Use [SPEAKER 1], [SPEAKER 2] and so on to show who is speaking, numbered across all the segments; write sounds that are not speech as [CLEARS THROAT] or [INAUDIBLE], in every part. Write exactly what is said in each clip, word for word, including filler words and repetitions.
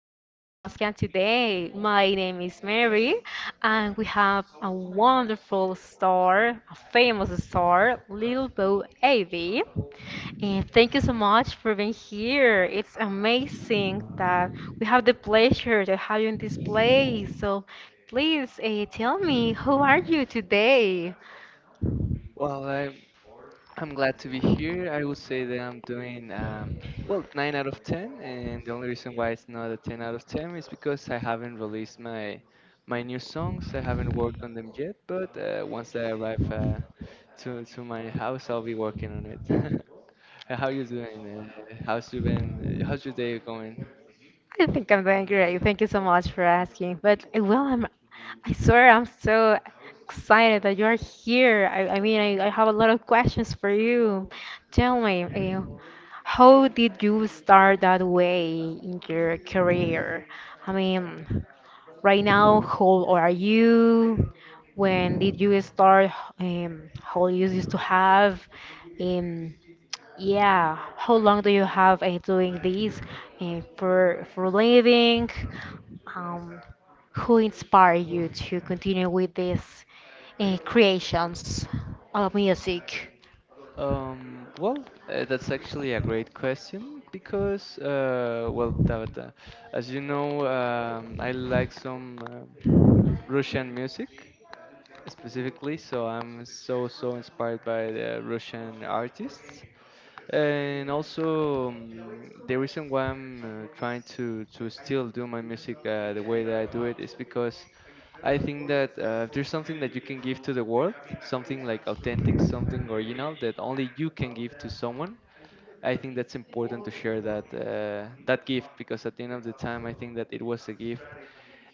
[SPEAKER 1] podcast today. My name is Mary, and we have a wonderful star, a famous star, Little Bo Avey. And thank you so much for being here. It's amazing that we have the pleasure to have you in this place. So please uh, tell me, who are you today?
[SPEAKER 2] Well, I'm I'm glad to be here. I would say that I'm doing um, well, nine out of ten, and the only reason why it's not a ten out of ten is because I haven't released my my new songs. I haven't worked on them yet, but uh, once I arrive uh, to to my house, I'll be working on it. [LAUGHS] Uh, How you doing? Uh, how's you been? uh, How's your day going?
[SPEAKER 1] I think I'm doing great. Thank you so much for asking. But uh, well, I'm, I swear I'm so excited that you're here. I, I mean, I, I have a lot of questions for you. Tell me, uh, how did you start that way in your career? I mean, right now, how old are you? When did you start? Um, how old you used to have? Um, yeah, how long do you have uh, doing this uh, for for living? Um, who inspired you to continue with these uh, creations of music?
[SPEAKER 2] Um, well, uh, that's actually a great question because, uh, well, Tabata, as you know, um, I like some. Um Russian music specifically, so I'm so so inspired by the Russian artists, and also um, the reason why I'm uh, trying to to still do my music uh, the way that I do it is because I think that uh, if there's something that you can give to the world, something like authentic, something original that only you can give to someone. I think that's important to share that uh, that gift because at the end of the time, I think that it was a gift.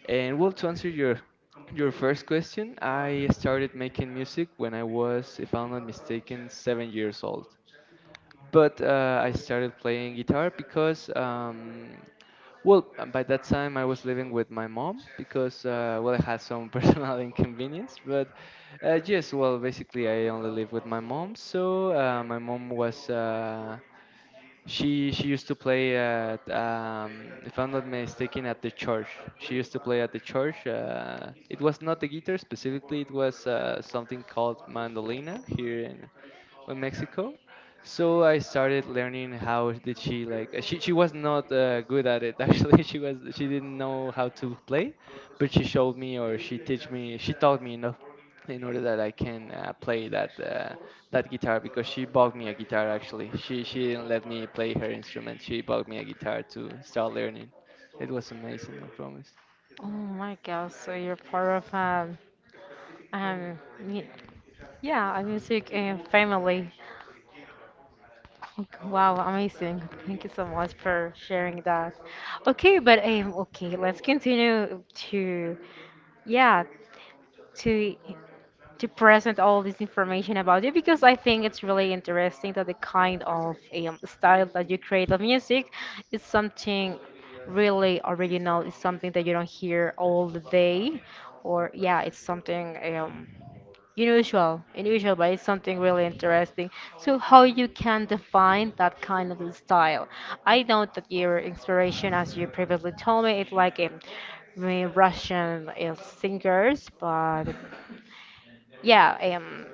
[SPEAKER 2] And well, to answer your your first question, I started making music when I was, if I'm not mistaken, seven years old. But uh, I started playing guitar because, um, well, uh, by that time I was living with my mom because, uh, well, I had some [LAUGHS] personal inconvenience. But uh, yes, well, basically I only live with my mom, so uh, my mom was. Uh, she she used to play at um, if I'm not mistaken, at the church. She used to play at the church. Uh, it was not the guitar specifically. It was uh, something called mandolina here in in Mexico. So I started learning how did she like uh, she she was not uh, good at it. [LAUGHS] Actually, she was she didn't know how to play, but she showed me or she teach me she taught me enough in order that I can uh, play that uh, that guitar because she bought me a guitar. Actually, she she didn't let me play her instrument. She bought me a guitar to start learning. It was amazing, I promise.
[SPEAKER 1] Oh my God! So you're part of um, um, y- yeah, a music uh, family. Ok- Wow, amazing! Thank you so much for sharing that. Okay, but um, okay, let's continue to yeah to to present all this information about you because I think it's really interesting that the kind of um, style that you create of music is something really original. It's something that you don't hear all the day, or yeah, it's something um, unusual, unusual, but it's something really interesting. So how you can define that kind of style? I know that your inspiration, as you previously told me, it's like um, Russian uh, singers, but. Yeah, um,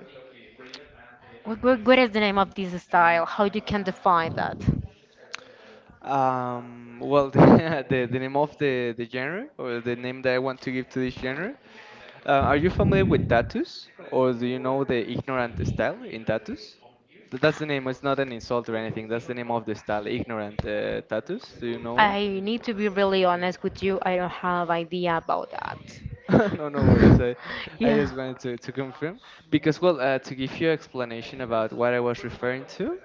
[SPEAKER 1] what, what, what is the name of this style? How you can define that?
[SPEAKER 2] Um, well, [LAUGHS] the, the name of the, the genre or the name that I want to give to this genre. Uh, are you familiar with tattoos, or do you know the ignorant style in tattoos? Th- That's the name. It's not an insult or anything. That's the name of the style, ignorant uh, tattoos. Do you know?
[SPEAKER 1] I need to be really honest with you. I don't have idea about that.
[SPEAKER 2] [LAUGHS] no, No worries.
[SPEAKER 1] [LAUGHS]
[SPEAKER 2] I, I
[SPEAKER 1] Yeah.
[SPEAKER 2] just wanted to, to confirm because, well, uh, to give you explanation about what I was referring to.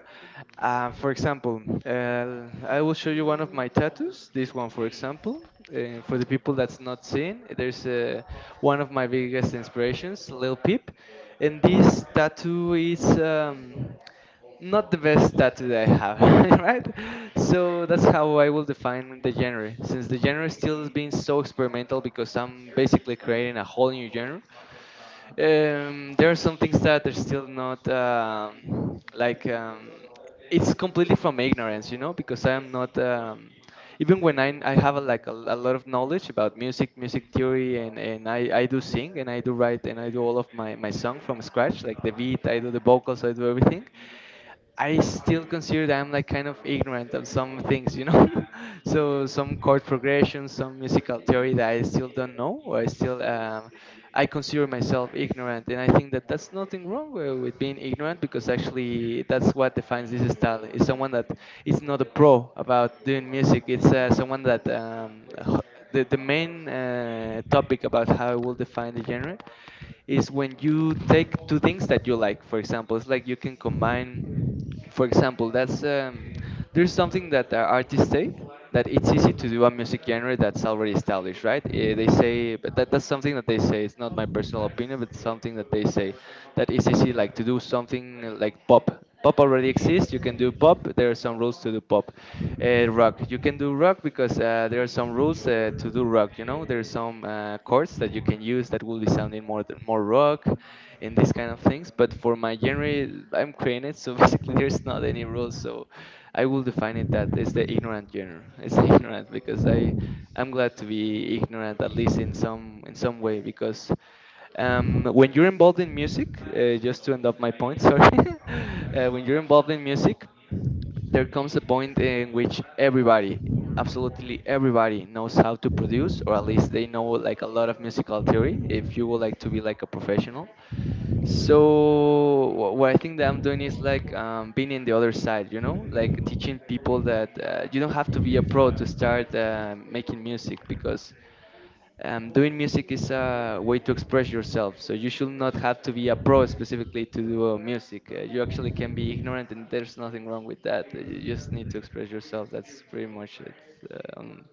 [SPEAKER 2] Uh, for example, uh, I will show you one of my tattoos. This one, for example, uh, for the people that's not seeing, there's uh, one of my biggest inspirations, Lil Peep, and this tattoo is um, not the best tattoo that I have, [LAUGHS] right? So that's how I will define the genre, since the genre still is being so experimental because I'm basically creating a whole new genre. Um, there are some things that are still not um, like um, it's completely from ignorance, you know, because I am not um, even when I I have a, like a, a lot of knowledge about music, music theory, and and I I do sing and I do write and I do all of my my song from scratch, like the beat, I do the vocals, I do everything. I still consider that I'm like kind of ignorant of some things, you know. [LAUGHS] So some chord progression, some musical theory that I still don't know, or I still um, I consider myself ignorant, and I think that that's nothing wrong wi- with being ignorant because actually that's what defines this style. It's someone that is not a pro about doing music. It's uh, someone that um, h- the the main uh, topic about how I will define the genre is when you take two things that you like. For example, it's like you can combine, for example, that's um, there's something that the artists say that it's easy to do a music genre that's already established, right? Eh, They say, but that, that's something that they say. It's not my personal opinion, but something that they say that it's easy, like to do something like pop. Pop already exists. You can do pop. There are some rules to do pop. Uh, rock. You can do rock because uh, there are some rules uh, to do rock. You know, there are some uh, chords that you can use that will be sounding more more rock in these kind of things. But for my genre, I'm created, so [LAUGHS] basically there's not any rules. So I will define it that it's the ignorant genre. It's [LAUGHS] ignorant because I I'm glad to be ignorant at least in some in some way because um, when you're involved in music, uh, just to end up my point, [LAUGHS] sorry, uh, when you're involved in music, there comes a point in which everybody absolutely everybody knows how to produce or at least they know like a lot of musical theory if you would like to be like a professional. So wh- what I think that I'm doing is like um, being in the other side, you know, like teaching people that uh, you don't have to be a pro to start uh, making music because um, doing music is a way to express yourself. So you should not have to be a pro specifically to do uh, music. Uh, you actually can be ignorant, and there's nothing wrong with that. Uh, You just need to express yourself. That's pretty much it. Um,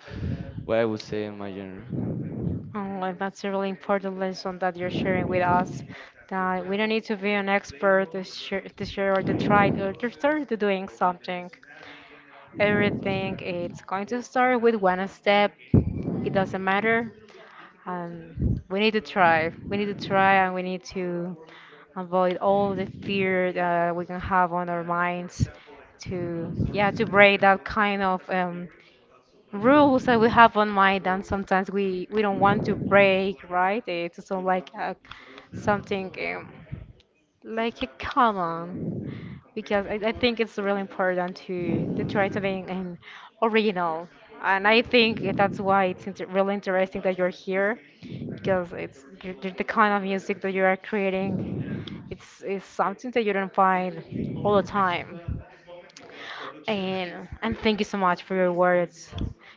[SPEAKER 2] what I would say in my genre.
[SPEAKER 1] Oh, and that's a really important lesson that you're sharing with us, that we don't need to be an expert to share, to share or to try or to start to doing something. Everything it's going to start with one step. It doesn't matter. Um, we need to try. We need to try and we need to avoid all the fear that we can have on our minds to, yeah, to break that kind of um, rules that we have on mind and sometimes we, we don't want to break, right? It's sort of like a, something um, like a common because I, I think it's really important to, to try to be an original. And I think that's why it's inter really interesting that you're here because it's you the the kind of music that you are creating. It's, it's something that you don't find all the time. And and thank you so much for your words.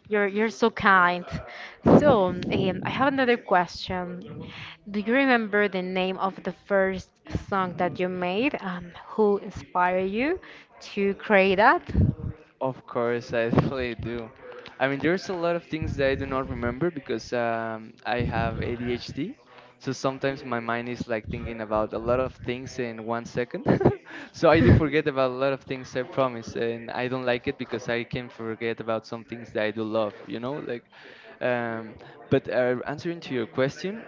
[SPEAKER 1] You're you're so kind. So, um, I have another question. Do you remember the name of the first song that you made and who inspired you to create that?
[SPEAKER 2] Of course, I [LAUGHS] definitely do. I mean, there's a lot of things that I do not remember because um, I have A D H D. So sometimes my mind is like thinking about a lot of things in one second. [LAUGHS] So I do forget about a lot of things, I promise. And I don't like it because I can forget about some things that I do love, you know? Like, um, but uh, answering to your question,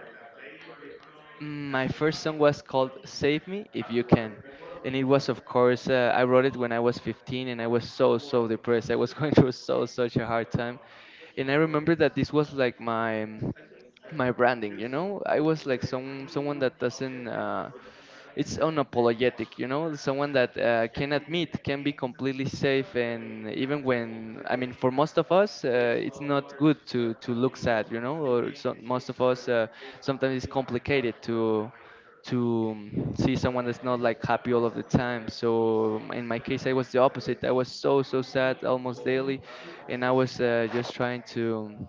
[SPEAKER 2] Mm, my first song was called Save Me If You Can. And it was, of course, uh, I wrote it when I was fifteen and I was so, so depressed. I was [LAUGHS] going through so, such a hard time. And I remember that this was like my. um, my branding, you know. I was like some someone that doesn't uh, it's unapologetic, you know, someone that uh, can admit can be completely safe and even when I mean for most of us uh, it's not good to to look sad, you know, or so, most of us uh, sometimes it's complicated to to um, see someone that's not like happy all of the time. So um, in my case I was the opposite. I was so so sad almost daily and I was uh, just trying to um,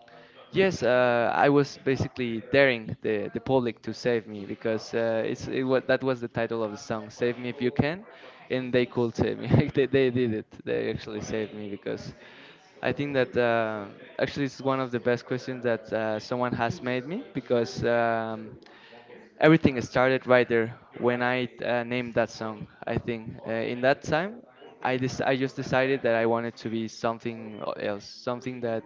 [SPEAKER 2] yes, uh, I was basically daring the, the public to save me because uh, it's it was, that was the title of the song, "Save Me If You Can," and they could save me. [LAUGHS] They, they did it. They actually saved me because I think that uh, actually it's one of the best questions that uh, someone has made me because um, everything started right there when I uh, named that song. I think uh, in that time I, dec- I just decided that I wanted to be something else, something that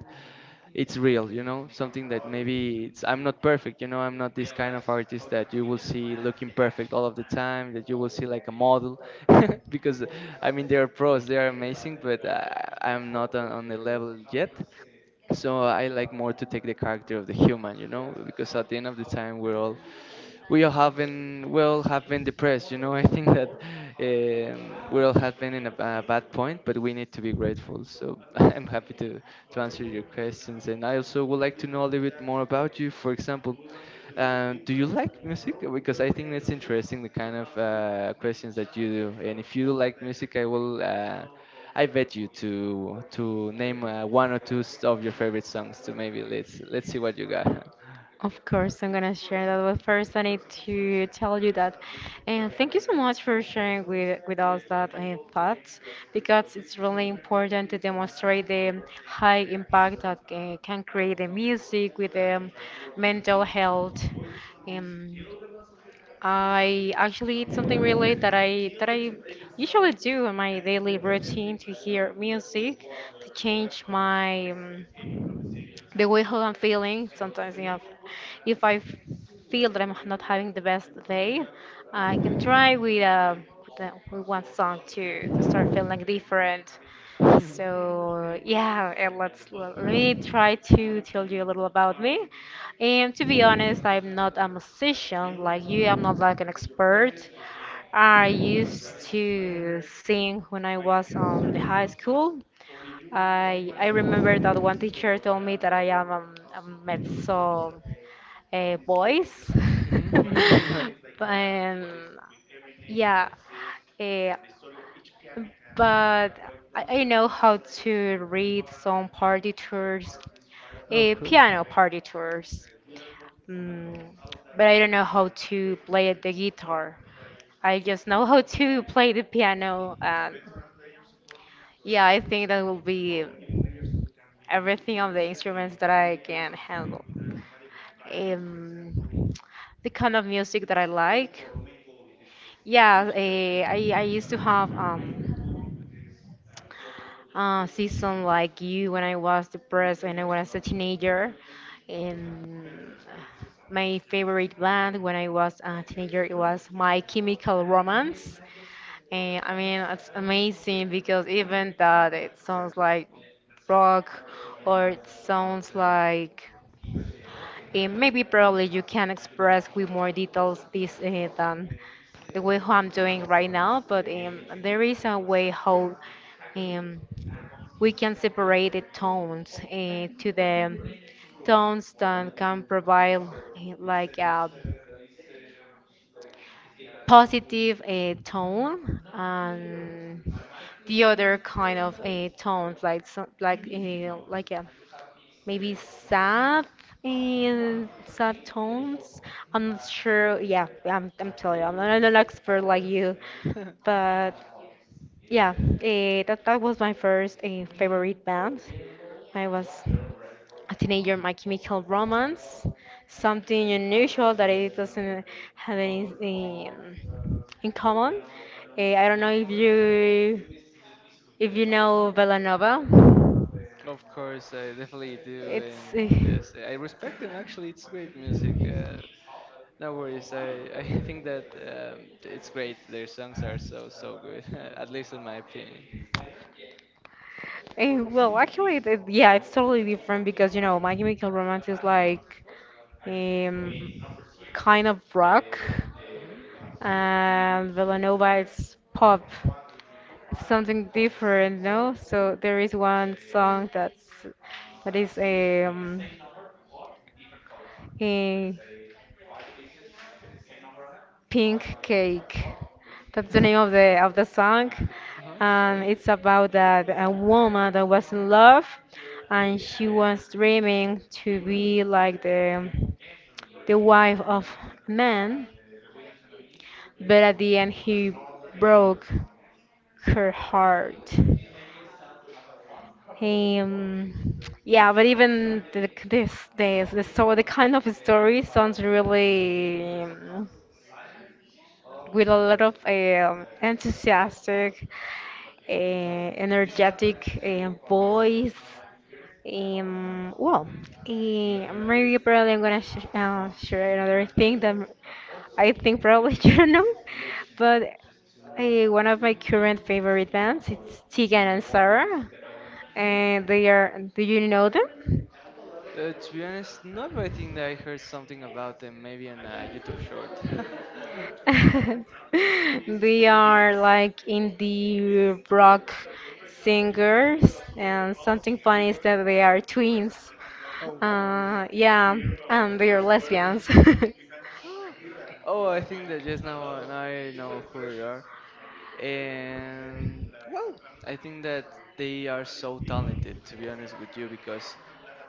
[SPEAKER 2] it's real, you know, something that maybe it's I'm not perfect, you know. I'm not this kind of artist that you will see looking perfect all of the time, that you will see like a model [LAUGHS] because I mean they are pros, they are amazing, but uh, I'm not on, on the level yet. So I like more to take the character of the human, you know, because at the end of the time we're all we all have been we all have been depressed. You know, [LAUGHS] I think that um, we all have been in a, ba- bad point, but we need to be grateful. So [LAUGHS] I'm happy to to answer your questions, and I also would like to know a little bit more about you. For example, um, do you like music? Because I think that's interesting the kind of uh, questions that you do, and if you do like music, I will. Uh, I bet you to to name uh, one or two s- of your favorite songs. To maybe let's let's see what you got.
[SPEAKER 1] Of course, I'm gonna share that. But first, I need to tell you that, and thank you so much for sharing with with us that uh, thoughts because it's really important to demonstrate the high impact that uh, can create the music with the mental health. Um, I actually it's something really that I that I usually do in my daily routine to hear music to change my um, the way how I'm feeling. Sometimes, you know, if I f- feel that I'm not having the best day, I can try with uh, with uh, with one song to to start feeling like different.
[SPEAKER 2] [LAUGHS]
[SPEAKER 1] So yeah, and let's let me try to tell you a little about me. And to be honest, I'm not a musician like you. I'm not like an expert. I used to sing when I was um the high school, I I remember that one teacher told me that I am um, a mezzo uh, voice,
[SPEAKER 2] Mhm. [LAUGHS]
[SPEAKER 1] [LAUGHS] and yeah, uh, but I, I know how to read some partitures,
[SPEAKER 2] Of
[SPEAKER 1] uh,
[SPEAKER 2] course.
[SPEAKER 1] piano partitures, mm, but I don't know how to play the guitar. I just know how to play the piano. And yeah, I think that will be everything of the instruments that I can handle. Um, the kind of music that I like. Yeah, eh, I, I used to have um, uh, season like you when I was depressed when I was a teenager. And my favorite band when I was a teenager, it was My Chemical Romance. And I mean, it's amazing because even that it sounds like rock or it sounds like eh, maybe probably you can express with more details this eh, than the way how I'm doing right now, but um, there is a way how um, we can separate the tones eh, to the tones that can provide eh, like a positive uh, tone and the other kind of uh, tones like so, like uh, like uh, maybe sad and sad tones. i'm not sure yeah i'm, I'm telling you i'm not, I'm not an expert like you,
[SPEAKER 2] [LAUGHS]
[SPEAKER 1] but yeah, uh, that, that was my first uh, favorite band. I was a teenager, My Chemical Romance. Something unusual that it doesn't have anything in common. Eh, I don't know if you if you know Villanova.
[SPEAKER 2] Of course, I definitely do,
[SPEAKER 1] It's
[SPEAKER 2] and
[SPEAKER 1] eh,
[SPEAKER 2] yes, I respect them. Actually, it's great music. Uh, no worries. I [LAUGHS] I think that um, it's great. Their songs are so so good. [LAUGHS] At least in my opinion.
[SPEAKER 1] eh, well, actually it, it- yeah, it's totally different because you know My Chemical Romance is like um, kind of rock
[SPEAKER 2] Hmm.
[SPEAKER 1] and Villanova is pop,
[SPEAKER 2] Yeah.
[SPEAKER 1] something different, no? So there is one song that's that is a um, a pink cake. That's the name of
[SPEAKER 2] [LAUGHS]
[SPEAKER 1] the of the song,
[SPEAKER 2] Uh-huh.
[SPEAKER 1] and it's about that a woman that was in love, and she was dreaming to be like the the wife of a man, but at the end he broke her heart. Um, yeah, but even th- this days, the so the kind of story sounds really um, with a lot of um, enthusiastic, uh, energetic uh, voice. Um, well, uh, maybe probably I'm gonna sh uh, share another thing that I think probably [LAUGHS] you know, but uh, one of my current favorite bands it's Tegan and Sarah, and
[SPEAKER 2] Hmm.
[SPEAKER 1] they are. Do you know them?
[SPEAKER 2] Uh, to be honest, no, but I think that I heard something about them, maybe on a YouTube short. [LAUGHS]
[SPEAKER 1] [LAUGHS] They are like indie rock singers, and something funny is that they are twins.
[SPEAKER 2] Oh.
[SPEAKER 1] Uh, yeah, and they are lesbians. [LAUGHS]
[SPEAKER 2] Oh, I think that just now, uh, now I know who they are. And well, I think that they are so talented, to be honest with you, because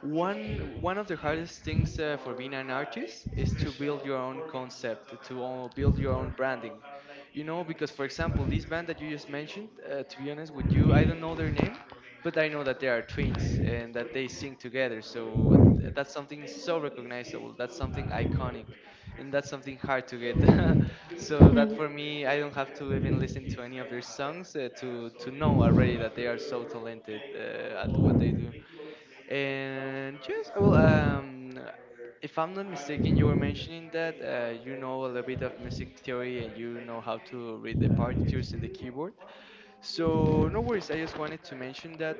[SPEAKER 2] one one of the hardest things uh, for being an artist is to build your own concept, to uh, build your own branding. You know, because for example, this band that you just mentioned, uh, to be honest with you, I don't know their name, but I know that they are twins and that they sing together. So th- that's something so recognizable. That's something iconic, and that's something hard to get. [LAUGHS] So that for me, I don't have to even listen to any of their songs uh, to to know already that they are so talented uh, at what they do. And yes, well, um, if I'm not mistaken, you were mentioning that uh, you know a little bit of music theory and you know how to read the partitures and the keyboard. So no worries. I just wanted to mention that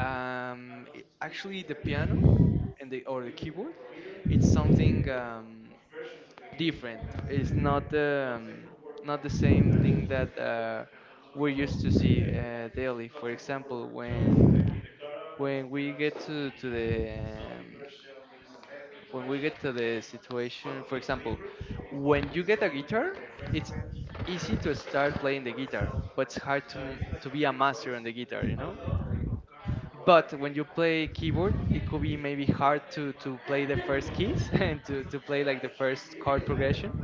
[SPEAKER 2] um, i- actually the piano and the or the keyboard, it's something um, different. It's not the um, not the same thing that uh, we're used to see uh, daily. For example, when when we get to to the um, when we get to the situation for example when you get a guitar it's easy to start playing the guitar, but it's hard to m- to be a master on the guitar, you know. But when you play keyboard it could be maybe hard to to play the first keys [LAUGHS] and to to play like the first chord progression,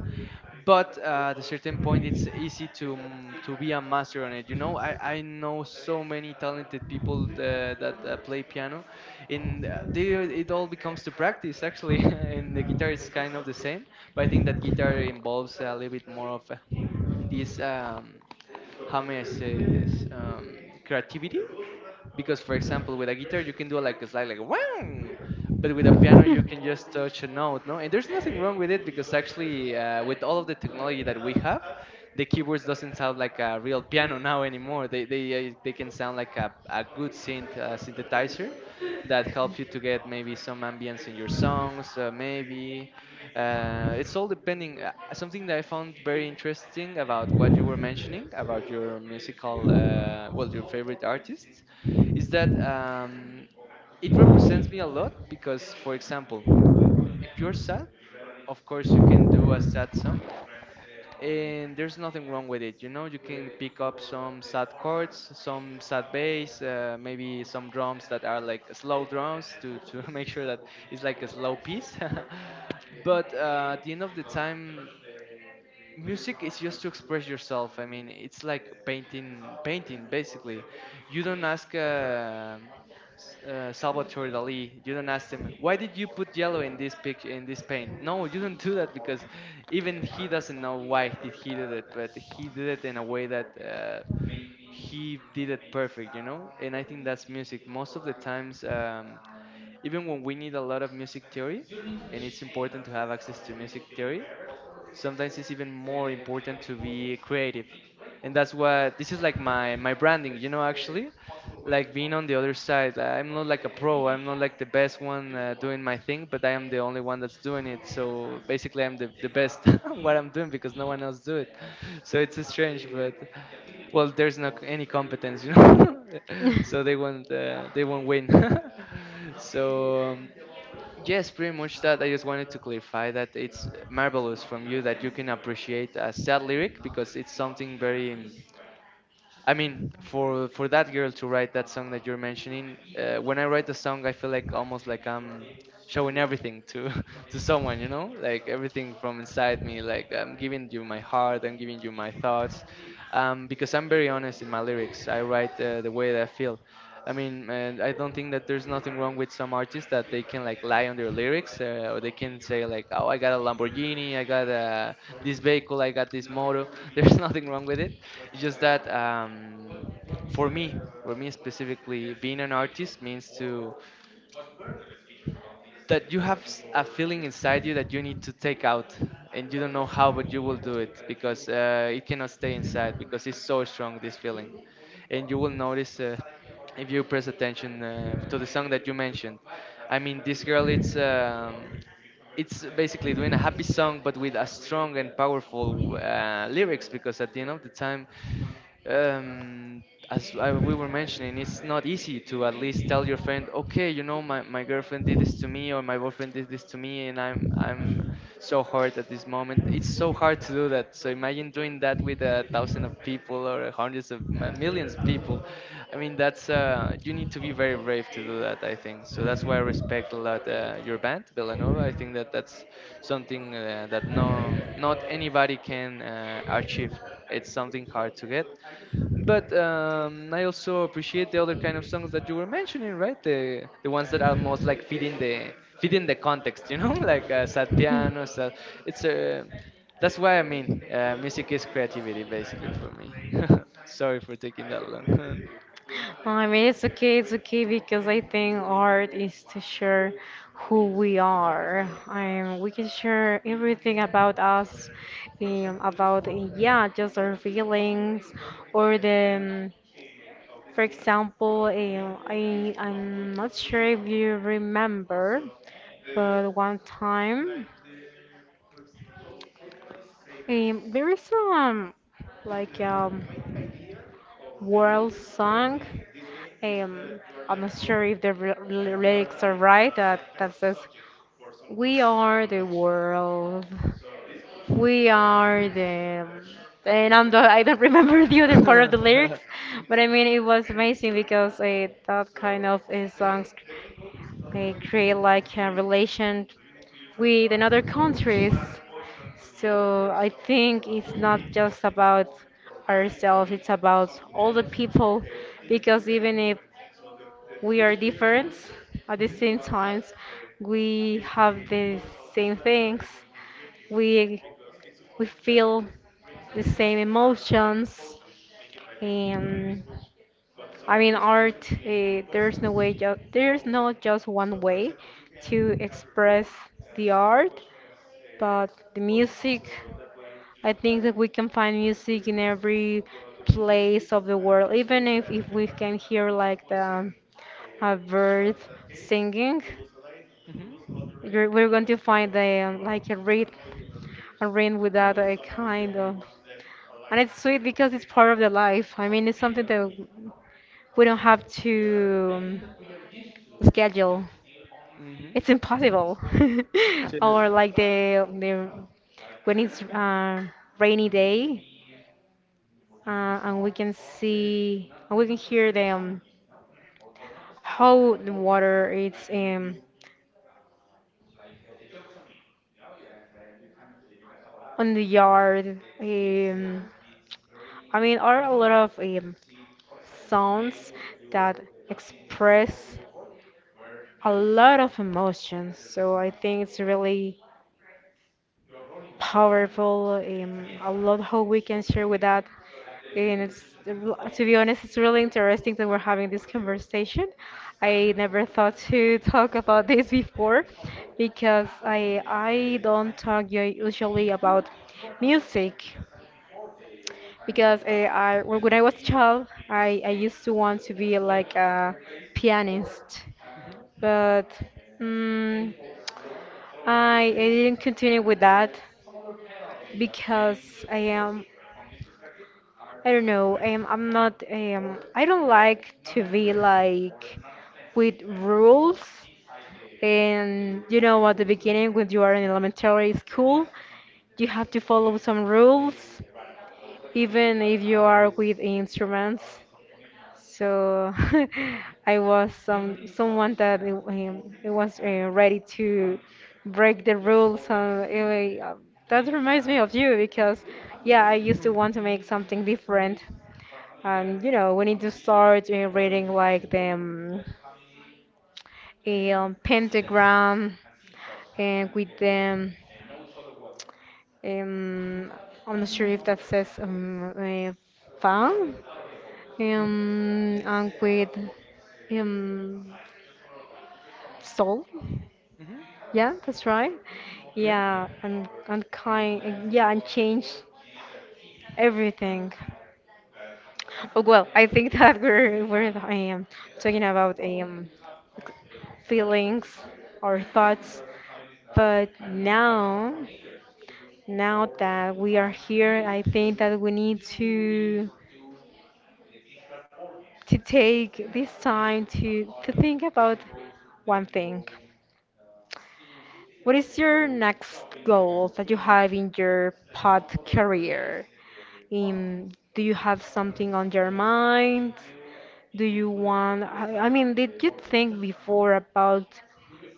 [SPEAKER 2] but uh, at a certain point it's easy to mm, to be a master on it, you know. I i know so many talented people uh, that uh, play piano, and uh, they it all becomes to practice actually. [LAUGHS] And the guitar is kind of the same, but I think that guitar involves a little bit more of uh, this um how may I say this, um creativity, because for example with a guitar you can do like a slide, like wow, but with a piano you can just touch a note, no? And there's nothing wrong with it, because actually uh, with all of the technology that we have, the keyboards doesn't sound like a real piano now anymore. They they, uh, they can sound like a, a good synth uh, synthesizer that helps you to get maybe some ambience in your songs, uh, maybe. Uh, it's all depending. Uh, something that I found very interesting about what you were mentioning about your musical uh, well your favorite artists is that um, it represents me a lot because, for example, if you're sad, of course you can do a sad song, and there's nothing wrong with it. You know, you can pick up some sad chords, some sad bass, uh, maybe some drums that are like slow drums to to [LAUGHS] make sure that it's like a slow piece. [LAUGHS] But uh, at the end of the time, music is just to express yourself. I mean, it's like painting painting basically. You don't ask uh, S- uh, Salvatore Dali, you don't ask him why did you put yellow in this picture, in this paint. No, you don't do that because even he doesn't know why did he did it, but he did it in a way that uh, he did it perfect, you know. And I think that's music most of the times, um, even when we need a lot of music theory and it's important to have access to music theory, sometimes it's even more important to be creative. And that's what this is like my my branding, you know, actually. Like being on the other side, I'm not like a pro, I'm not like the best one uh, doing my thing, but I am the only one that's doing it, so basically I'm the, the best [LAUGHS] on what I'm doing because no one else do it. [LAUGHS] So it's strange, but well, there's not any competence, you know. [LAUGHS] So they won't uh, they won't win. [LAUGHS] So um, yes, pretty much that. I just wanted to clarify that it's marvelous from you that you can appreciate a sad lyric because it's something very. Um, I mean, for for that girl to write that song that you're mentioning, uh, when I write the song, I feel like almost like I'm showing everything to [LAUGHS] to someone, you know, like everything from inside me. Like I'm giving you my heart, I'm giving you my thoughts, um, because I'm very honest in my lyrics. I write uh, the way that I feel. I mean, and I don't think that there's nothing wrong with some artists that they can like lie on their lyrics, uh, or they can say like, "Oh, I got a Lamborghini, I got uh, this vehicle, I got this moto." [LAUGHS] There's nothing wrong with it. It's just that um, for me, for me specifically, being an artist means to that you have s- a feeling inside you that you need to take out, and you don't know how, but you will do it because uh, it cannot stay inside because it's so strong this feeling. And you will notice uh, if you press attention uh, to the song that you mentioned. I mean, this girl, it's um, it's basically doing a happy song but with a strong and powerful uh, lyrics, because at the end of the time, um, as I, we were mentioning, it's not easy to at least tell your friend, okay, you know, my, my girlfriend did this to me or my boyfriend did this to me, and I'm I'm so hurt at this moment. It's so hard to do that. So imagine doing that with a thousand of people or hundreds of mi- millions of people. I mean, that's uh, you need to be very brave to do that, I think so. That's why I respect a lot uh, your band, Villanova. I think that that's something uh, that no not anybody can uh, achieve. It's something hard to get, but um, I also appreciate the other kind of songs that you were mentioning, right? The the ones that are most like fitting the fitting the context, you know, [LAUGHS] like uh, sad piano. Sad, it's uh, that's why I mean, uh, music is creativity, basically, for me. [LAUGHS] Sorry for taking that long.
[SPEAKER 1] I mean, it's okay, it's okay because I think art is to share who we are. Um, we can share everything about us, um, about, uh, yeah, just our feelings or the um, for example, eh, I, I'm not sure if you remember, but one time um, there is um like um world song. Um, I'm not sure if the r- lyrics are right. That that says, "We are the world. We are the." And I'm the, I don't [LAUGHS] remember the other part of the
[SPEAKER 2] [LAUGHS]
[SPEAKER 1] lyrics, but I mean it was amazing because uh, that kind of uh, songs, they create like a relation with another countries. So I think it's not just about ourselves, it's about all the people because even if we are different, at the same times we have the same things. We we feel the same emotions. And I mean, art, uh, there's no way, ju- there's not just one way to express the art, but the music, I think that we can find music in every place of the world, even if, if we can hear like the a bird singing,
[SPEAKER 2] Hmm.
[SPEAKER 1] you're, we're going to find a, um, like a rhythm, a rhythm without a kind of, and it's sweet because it's part of the life. I mean, it's something that we don't have to schedule. It's
[SPEAKER 2] Hmm.
[SPEAKER 1] impossible. [LAUGHS]
[SPEAKER 2] Hmm.
[SPEAKER 1] Or like the the when it's uh, rainy day uh, and we can see and we can hear them how the water is um, on the yard. Um, I mean, are a lot of um, sounds that express a lot of emotions. So I think it's really powerful, um, a lot how we can share with that. And it's, to be honest, it's really interesting that we're having this conversation. I never thought to [LAUGHS] talk about this before because I I don't talk u- usually about music because uh, I when when I was a child, I, I used to want to be like a pianist, but mm, I, I didn't continue with that because I am I don't know. Um, I'm not. Um, I don't like to be like with rules. And you know, at the beginning, when you are in elementary school, you have to follow some rules, even if you are with instruments. So [LAUGHS] I was some someone that it, um, it was uh, ready to break the rules. Uh, anyway, uh, that reminds me of you because, yeah, I used to want to make something different, and you know, we need to start uh, reading like the um, um, pentagram and with them. Um, I'm not sure if that says um, uh, fan
[SPEAKER 2] Hmm.
[SPEAKER 1] um, and with um, soul.
[SPEAKER 2] Hmm.
[SPEAKER 1] Yeah, that's right.
[SPEAKER 2] Yeah.
[SPEAKER 1] Yeah, and and kind. and- Yeah, and change everything. Oh well, I think [LAUGHS] that we're we're um, talking about um feelings or thoughts. But now, now that we are here, I think that we need to to take this time to to think about one thing. What is your next goal that you have in your pod career? In do you have something on your mind? Do you want, I I mean, did you think before about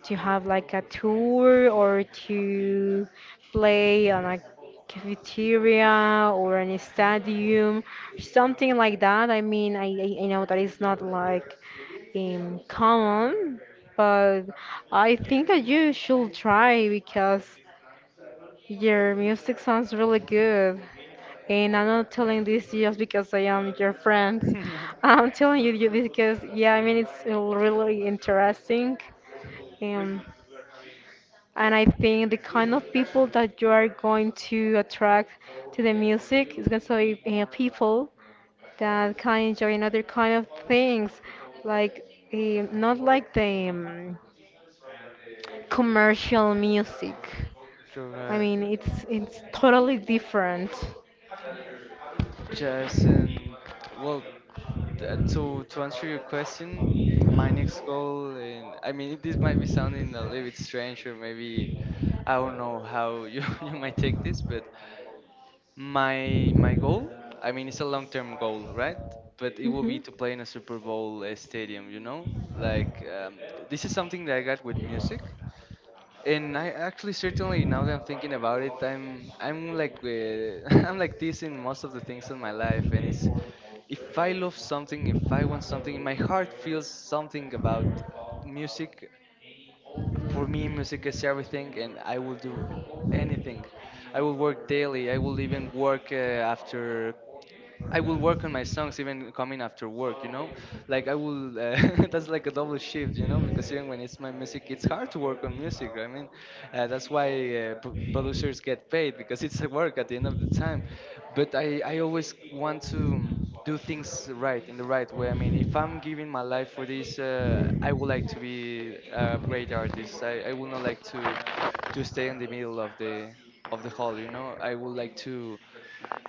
[SPEAKER 1] to have like a tour or to play on a cafeteria or an stadium, something like that? I mean, I, I I know that it's not like um, common, but I think that you should try because. Your music sounds really good. And I'm not telling this just because I am your friend.
[SPEAKER 2] [LAUGHS]
[SPEAKER 1] I'm telling you you this because, yeah, I mean, it's really interesting. Um, and I think the kind of people that you are going to attract to the music is going to be uh, people that can enjoy another kind of things, like eh, not like the um, commercial music.
[SPEAKER 2] You're
[SPEAKER 1] I
[SPEAKER 2] right.
[SPEAKER 1] mean, it's it's totally different.
[SPEAKER 2] Jazz and well, uh, to to answer your question, my next goal, and I mean this might be sounding a little bit strange, or maybe I don't know how you [LAUGHS] you might take this, but my my goal, I mean it's a long term goal, right? But it will
[SPEAKER 1] Hmm.
[SPEAKER 2] be to play in a Super Bowl uh, stadium, you know. Like um, this is something that I got with music, and I actually certainly now that I'm thinking about it, I'm I'm like uh, [LAUGHS] I'm like this in most of the things in my life, and it's if I love something, if I want something, my heart feels something about music. For me, music is everything, and I will do anything. I will work daily. I will even work uh, after I will work on my songs even coming after work, you know? Like I will, uh, [LAUGHS] that's like a double shift, you know? Because even when it's my music, it's hard to work on music. I mean, uh, that's why uh, pro- producers get paid because it's a work at the end of the time. But I, I always want to do things right, in the right way. I mean, if I'm giving my life for this, uh, I would like to be a great artist. I, I would not like to, to stay in the middle of the, of the hall, you know? I would like to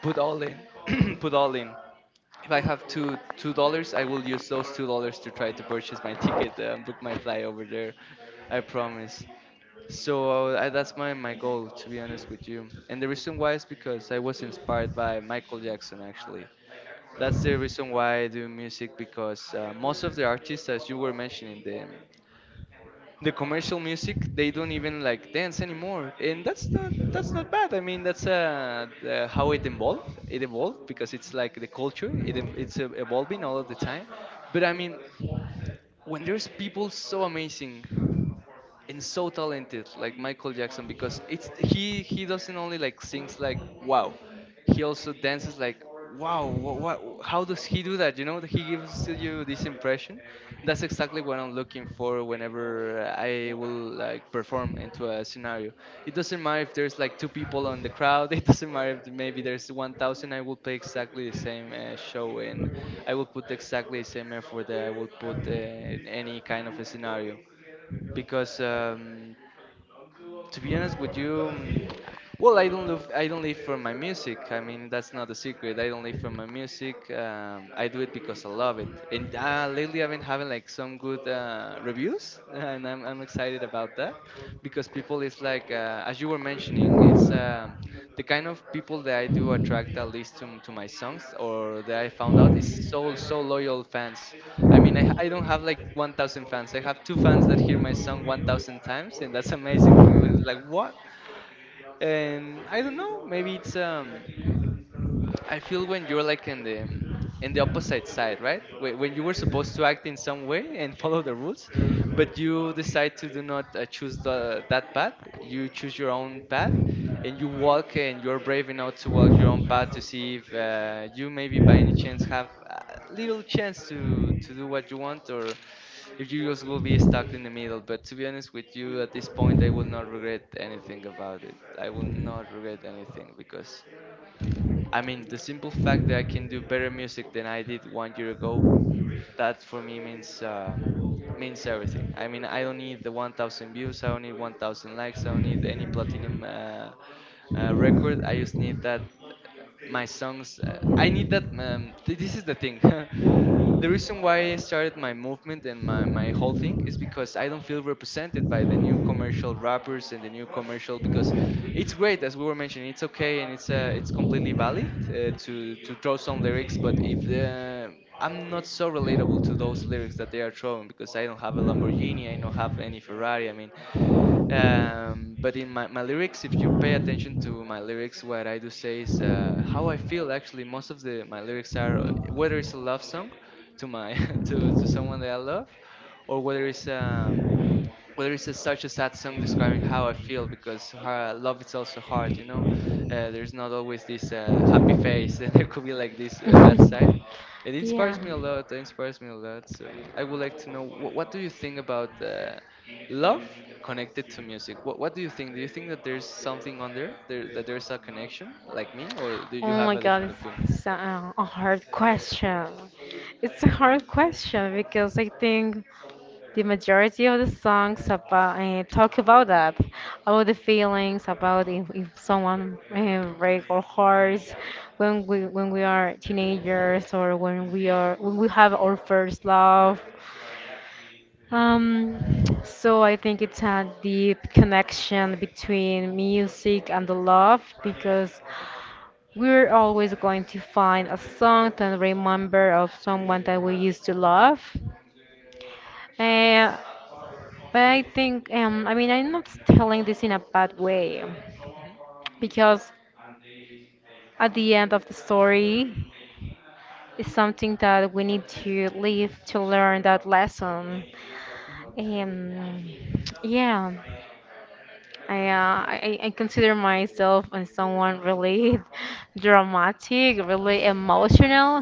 [SPEAKER 2] put all in. [CLEARS THROAT] Put all in, if I have two two dollars, I will use those two dollars to try to purchase my ticket and book my flight over there. I promise. So uh, I, that's my my goal, to be honest with you. And the reason why is because I was inspired by Michael Jackson. Actually, that's the reason why I do music because uh, most of the artists, as you were mentioning, the the commercial music they don't even like dance anymore, and that's not that's not bad. I mean, that's uh, uh how it evolved. It evolved because it's like the culture, it, em- it's uh, evolving all of the time. But I mean, when there's people so amazing and so talented like Michael Jackson, because it's he he doesn't only like sings like wow, he also dances like wow. What, how does he do that? You know, he gives to you this impression. That's exactly what I'm looking for whenever I will like perform into a scenario. It doesn't matter if there's like two people on the crowd, [LAUGHS] it doesn't matter if maybe there's one thousand, I will play exactly the same uh, show, and I will put exactly the same effort that I would put uh, in any kind of a scenario. Because um, To be honest with you, um, well, I don't live I don't live for my music. I mean, that's not a secret. I don't live for my music. Um, I do it because I love it. And uh, lately, I've been having like some good uh, reviews, [LAUGHS] and I'm I'm excited about that because people is like uh, as you were mentioning, it's um, the kind of people that I do attract, at least to to my songs, or that I found out is so so loyal fans. I mean, I, I don't have like one thousand fans. I have two fans that hear my song one thousand times, and that's [LAUGHS] amazing for me. But it's like, what? And I don't know. Maybe it's um. I feel when you're like in the in the opposite side, right? Whe- When you were supposed to act in some way and [LAUGHS] follow the rules, but you decide to do not uh, choose the, that path. You choose your own path, and you walk, and you're brave enough to walk your own path to see if uh, you maybe by any chance have a little chance to to do what you want, or if you just will be stuck in the middle. But to be honest with you, at this point, I will not regret anything about it. I will not regret anything, because I mean, the simple fact that I can do better music than I did one year ago, that for me means um, means everything. I mean, I don't need the one thousand views, I don't need one thousand likes, I don't need any platinum uh, uh, record. I just need that my songs. Uh, I need that. Um, th- this is the thing. [LAUGHS] The reason why I started my movement and my, my whole thing is because I don't feel represented by the new commercial rappers and the new commercial, because it's great, as we were mentioning, it's okay, and it's uh, it's completely valid uh, to to throw some lyrics. But if the, I'm not so relatable to those lyrics that they are throwing, because I don't have a Lamborghini, I don't have any Ferrari. I mean, um, but in my, my lyrics, if you pay attention to my lyrics, what I do say is uh, how I feel. Actually, most of the my lyrics are uh, whether it's a love song to my [LAUGHS] to, to someone that I love, or whether it's um, well, there is a, such a sad song describing how I feel, because uh, love is also hard, you know. Uh, there's not always this uh, happy face, [LAUGHS] and there could be like this uh, bad side. It
[SPEAKER 1] [LAUGHS] Yeah.
[SPEAKER 2] inspires me a lot. It inspires me a lot. So I would like to know wh- what do you think about uh, love connected to music? What What do you think? Do you think that there's something under there, that there's a connection, like me, or do you
[SPEAKER 1] Oh
[SPEAKER 2] have
[SPEAKER 1] my
[SPEAKER 2] a different
[SPEAKER 1] God,
[SPEAKER 2] opinion?
[SPEAKER 1] it's so- uh, a hard question. It's a hard question because I think the majority of the songs about uh, talk about that, about the feelings, about if, if someone uh, break our hearts when we when we are teenagers or when we are when we have our first love. Um, so I think it's a deep connection between music and the love because we're always going to find a song to remember of someone that we used to love. Uh, but I think, um, I mean, I'm not telling this in a bad way because at the end of the story is something that we need to live to learn that lesson. Um, yeah. I, uh, I, I I consider myself as someone really [LAUGHS] dramatic, really emotional,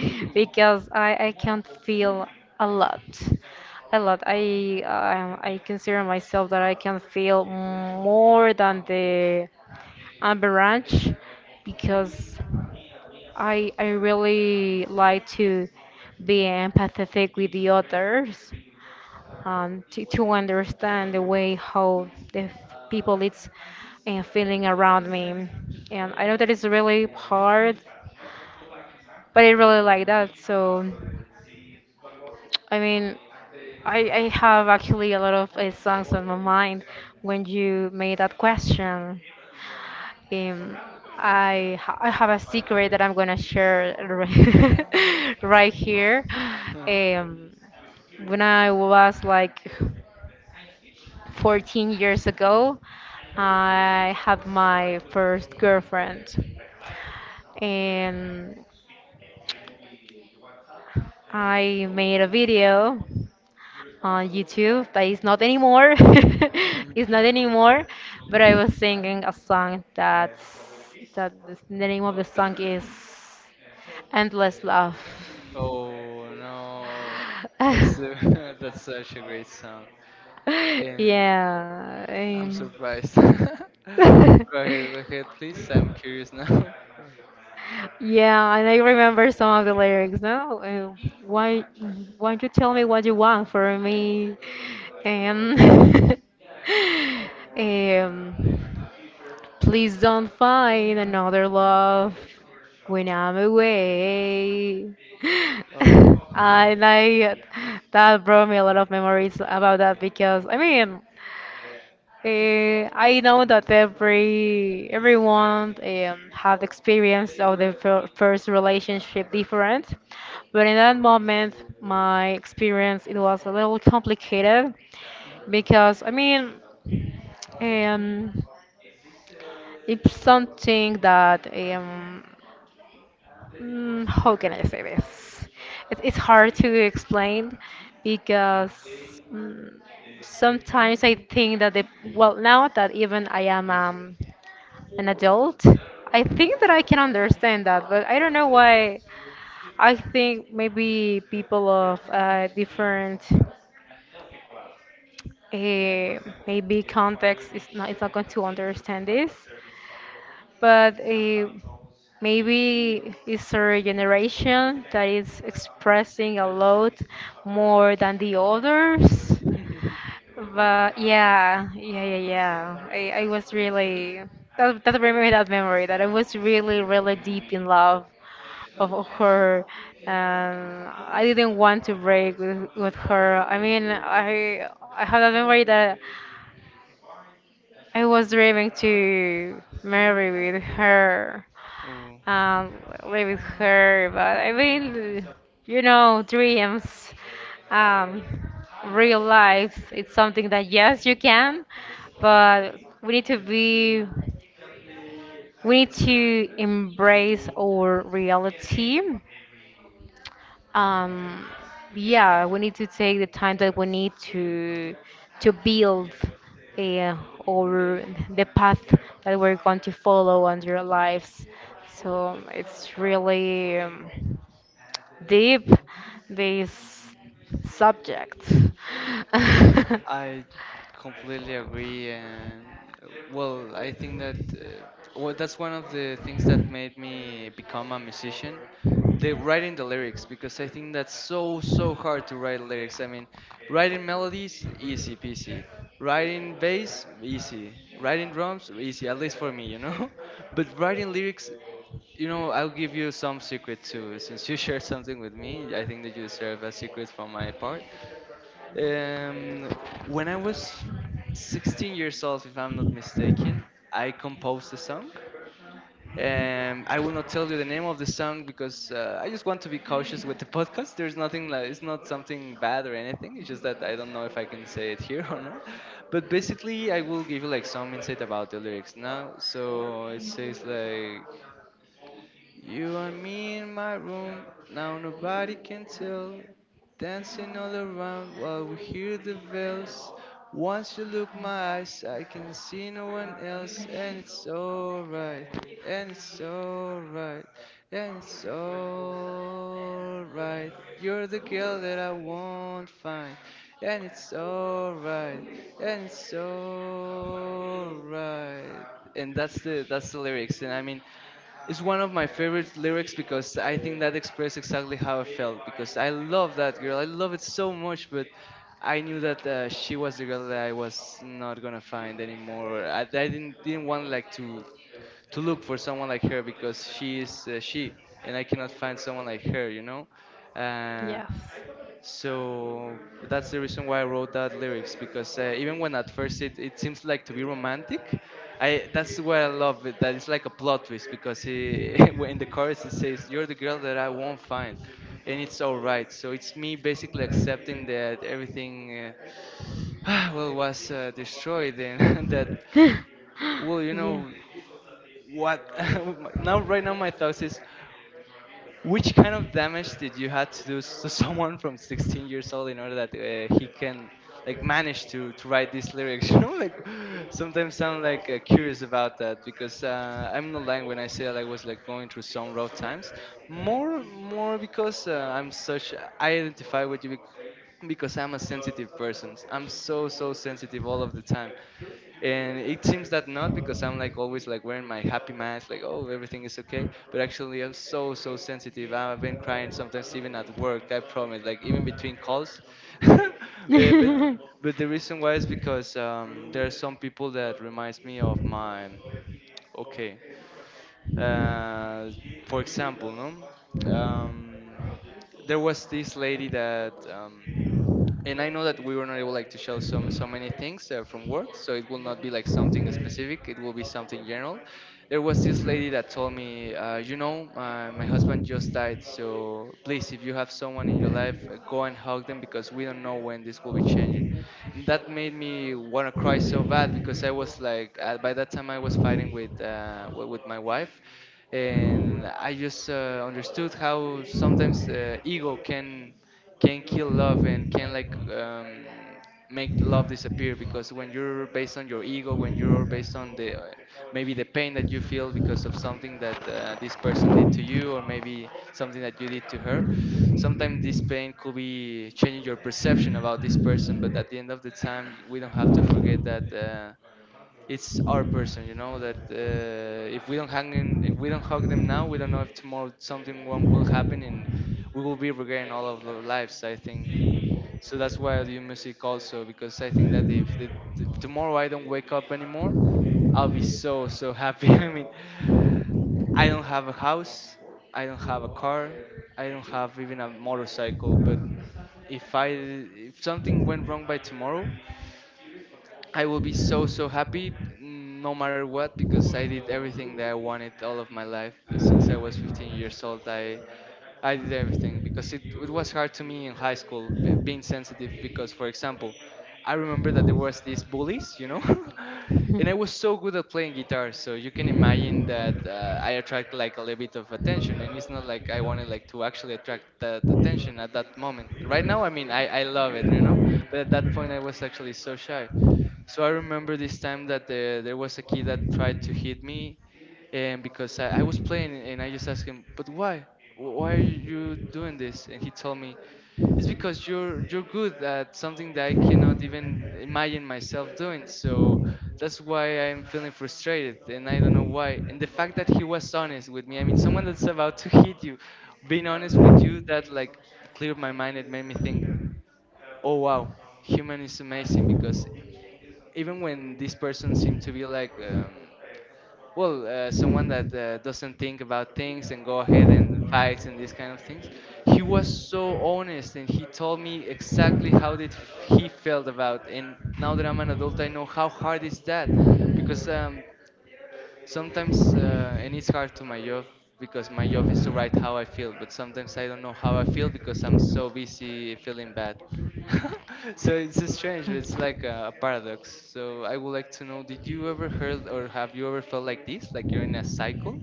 [SPEAKER 1] [LAUGHS] because I, I can feel a lot, a lot. I um, I consider myself that I can feel more than the average, because I I really like to be empathetic with the others um, to, to understand the way how the f- people it's uh, feeling around me. And I know that it's really hard, but I really like that. So, I mean, I, I have actually a lot of uh, songs on my mind when you made that question. Um, I, ha- I have a secret that I'm gonna share [LAUGHS]
[SPEAKER 2] Mhm,
[SPEAKER 1] right, right here. Um, when I was like fourteen years ago, I had my first girlfriend. And I made a video on YouTube that is not anymore. [LAUGHS]
[SPEAKER 2] mhm.
[SPEAKER 1] It's not anymore, but I was
[SPEAKER 2] [LAUGHS]
[SPEAKER 1] singing a song that's that is- the name of the song is Endless Love.
[SPEAKER 2] Oh no,
[SPEAKER 1] [LAUGHS]
[SPEAKER 2] that's a, [LAUGHS] that's such a great song, and
[SPEAKER 1] Yeah.
[SPEAKER 2] I'm
[SPEAKER 1] um,
[SPEAKER 2] surprised. [LAUGHS] Go ahead, go ahead,
[SPEAKER 1] [LAUGHS]
[SPEAKER 2] please. I'm curious now. [LAUGHS]
[SPEAKER 1] Yeah, and I remember some of the lyrics. No, uh, why, why you tell me what you want for me? Um, [LAUGHS] um, Please don't find another love when I'm away. [LAUGHS]
[SPEAKER 2] Oh,
[SPEAKER 1] I like that brought me a lot of memories about that because I mean uh, I know that every everyone um, have experience of the fir- first relationship different, but in that moment, my experience it was a little complicated because I mean, um, it's something that um, mm, how can I say this? It, it's hard to explain because mm, sometimes I think that the well now that even I am um, an adult, I think that I can understand that, but I don't know why. I think maybe people of uh, different uh, maybe context is not it's not going to understand this but uh, maybe it's a generation that is expressing a lot more than the others.
[SPEAKER 2] [LAUGHS]
[SPEAKER 1] But yeah, yeah, yeah, yeah. I, I was really that that remember that memory that I was really really deep in love of of her. Um, I didn't want to break with with her. I mean, I I have a memory that I was dreaming to marry with her
[SPEAKER 2] oh.
[SPEAKER 1] um, live with her. But I mean, you know, dreams, um, real life. It's something that yes, you can, but we need to be, we need to embrace our reality um, yeah, we need to take the time that we need to to build uh, or the path that we're going to follow on our lives. So it's really um, deep this subject. [LAUGHS]
[SPEAKER 2] I completely agree, and uh, well, I think that uh, well, that's one of the things that made me become a musician. The writing the lyrics, because I think that's so so hard to write lyrics. I mean, writing melodies easy peasy, writing bass easy, writing drums easy, at least for me, you know. [LAUGHS] But writing lyrics, you know, I'll give you some secret too. Since you [LAUGHS] shared something with me, I think that you deserve a secret from my part. um, when I was sixteen years old, if I'm not mistaken, I composed a song. Um, I will not tell you the name of the song because uh, I just want to be cautious with the [LAUGHS] podcast. There's nothing like, it's not something bad or anything. It's just that I don't know if I can say it here [LAUGHS] or not. But basically, I will give you like some insight about the lyrics now. So it says like, you and me in my room, now nobody can tell. Dancing all around while we hear the bells. Once you look my eyes, I can see no one else, and it's alright, and it's alright, and it's alright. You're the girl that I won't find, and it's alright, and it's alright. And that's the that's the lyrics, and I mean, it's one of my favorite lyrics because I think that expressed exactly how I felt. Because I love that girl, I love it so much, but I knew that uh, she was the girl that I was not gonna find anymore. I, I didn't didn't want like to to look for someone like her, because she is uh, she, and I cannot find someone like her, you know. Uh,
[SPEAKER 1] Yes.
[SPEAKER 2] so that's the reason why I wrote that lyrics, because uh, even when at first it, it seems like to be romantic, I that's why I love it. That it's like a plot twist, because he, [LAUGHS] when in the chorus it says, "You're the girl that I won't find, and it's all right." So it's me basically accepting that everything, uh, [SIGHS] well, was uh, destroyed, and [LAUGHS] that,
[SPEAKER 1] [LAUGHS]
[SPEAKER 2] well, you know, what [LAUGHS] now right now my thoughts is, which kind of damage did you had to do s- to [LAUGHS] someone from sixteen years old in order that uh, he can like manage to to write these lyrics? [LAUGHS] You know, like sometimes I'm like uh, curious about that, because uh, I'm not lying when I say that I was like going through some rough times. More more because uh, I'm such, I identify with you bec- because I'm a sensitive person. I'm so so sensitive all of the time, and it seems that not, because I'm like always like wearing my happy mask like, oh, everything is okay, but actually I'm so so sensitive. I've been crying sometimes even at work, I promise, like even between calls. [LAUGHS] Eh, but
[SPEAKER 1] Yeah.
[SPEAKER 2] but the reason why is because um, there are some people that reminds me of my, okay, uh, for example, no, um, there was this lady that um, and I know that we were not able like to show some so many things uh, from work, so it will not be like something specific. It will be something general. There was this lady that told me, uh, you know, uh, my husband just died, so please, if you have someone in your life, uh, go and hug them, because we don't know when this will be changing. And that made me want to cry so bad, because I was like, uh, by that time I was fighting with uh, wi- with my wife. And I just uh, understood how sometimes uh, ego can can kill love, and can like um, make love disappear, because when you're based on your ego, when you're based on the uh, maybe the pain that you feel because of something that uh, this person did to you, or maybe something that you did to her, sometimes this pain could be changing your perception about this person. But at the end of the time, we don't have to forget that uh, it's our person, you know, that uh, if we don't hang in, if we don't hug them now, we don't know if tomorrow something wrong will happen, and we will be regretting all of our lives, I think. So that's why I do music also, because I think that if, the, if tomorrow I don't wake up anymore, I'll be so so happy. [LAUGHS] I mean, I don't have a house, I don't have a car, I don't have even a motorcycle, but if I, if something went wrong by tomorrow, I will be so so happy, mm, no matter what, because I did everything that I wanted all of my life. Uh, since I was fifteen years old, I I did everything, because it, it was hard to me in high school, b- being sensitive. Because for example, I remember that there was these bullies, you know. [LAUGHS] And I was so good at playing guitar, so you can imagine that uh, I attract like a little bit of attention, and it's not like I wanted like to actually attract that attention at that moment. Right now, I mean, I I love it, you know, But at that point I was actually so shy. So I remember this time that the, there was a kid that tried to hit me, and because I, I was playing, and I just asked him, but why? Wh- Why are you doing this? And he told me, it's because you're you're good at something that I cannot even imagine myself doing. So that's why I'm feeling frustrated, and I don't know why. And the fact that he was honest with me, I mean, someone that's about to hit you, being honest with you, that like cleared my mind. It made me think, oh wow, human is amazing because even when this person seemed to be like um, well uh, someone that uh, doesn't think about things and go ahead and fights and these kind of things. He was so honest, and he told me exactly how did f- he felt about. And now that I'm an adult, I know how hard is that because um, sometimes uh, and it's hard to my job because my job is to write how I feel, but sometimes I don't know how I feel because I'm so busy feeling bad. [LAUGHS] So it's just strange, but it's like a, a paradox. So I would like to know, did you ever heard, or have you ever felt like this, like you're in a cycle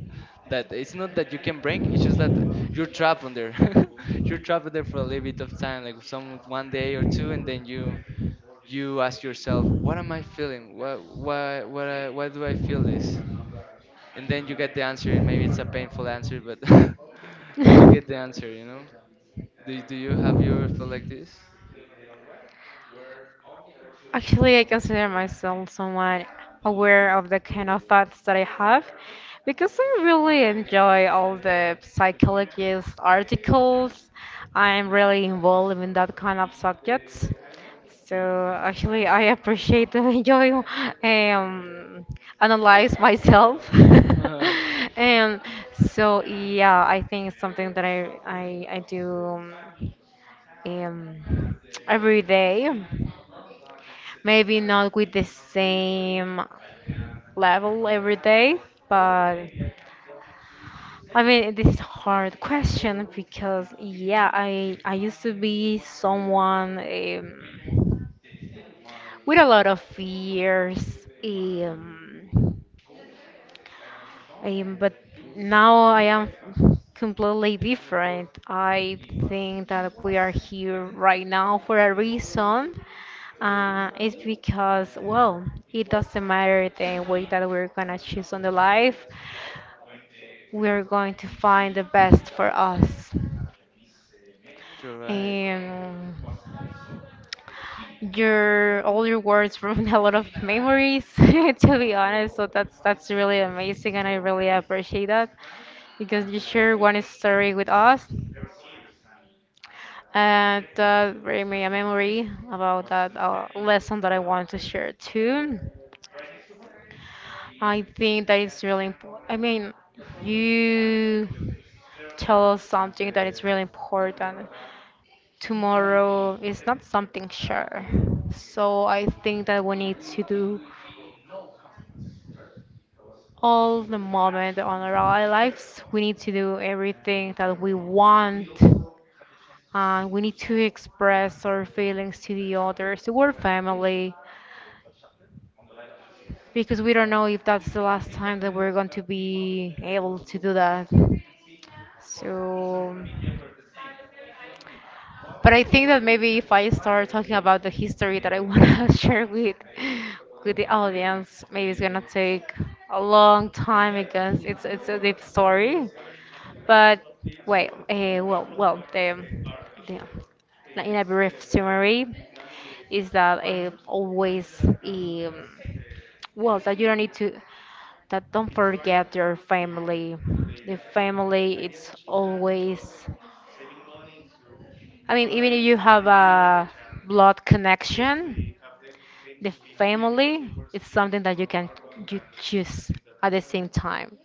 [SPEAKER 2] that it's not that you can break, it's just that you're trapped on there. [LAUGHS] You're trapped on there for a little bit of time, like some one day or two, and then you you ask yourself, what am I feeling? Why why why, why do I feel this? And then you get the answer, and maybe it's a painful answer, but [LAUGHS] but you
[SPEAKER 1] [LAUGHS]
[SPEAKER 2] get the answer, you know? Do, do You have you ever felt like this?
[SPEAKER 1] Actually, I consider myself someone aware of the kind of thoughts that I have because I really enjoy all the psychologist articles. I'm really involved in that kind of subjects. So actually, I appreciate and enjoy um, analyze myself. [LAUGHS]
[SPEAKER 2] [LAUGHS]
[SPEAKER 1] And so yeah, I think it's something that I I, I do um, every day. Maybe not with the same level every day, but I mean this is a hard question because yeah, I I used to be someone um, with a lot of fears. Um, Um, but now I am completely different. I think that we are here right now for a reason. Uh, it's because, well, it doesn't matter the way that we're gonna choose on the life. We're going to find the best for us.
[SPEAKER 2] Sure, right.
[SPEAKER 1] And your all your words bring a lot of memories, [LAUGHS] to be honest. So that's that's really amazing, and I really appreciate that. Because you share one story with us. And that bring me a memory about that uh, lesson that I want to share too. I think that it's really important. I mean, you tell us something that is really important. Tomorrow is not something sure. So I think that we need to do all the moment on our lives. We need to do everything that we want and we need to express our feelings to the others, to our family, because we don't know if that's the last time that we're going to be able to do that. So, but I think that maybe if I start talking about the history that I want to [LAUGHS] share with with the audience, maybe it's gonna take a long time because it's it's a deep story. But wait, uh, well, well, the, the in a brief summary. Is that uh, always um, well that you don't need to that don't forget your family, the family it's always, I mean even if you have a blood connection, the family is something that you can you choose at the same time,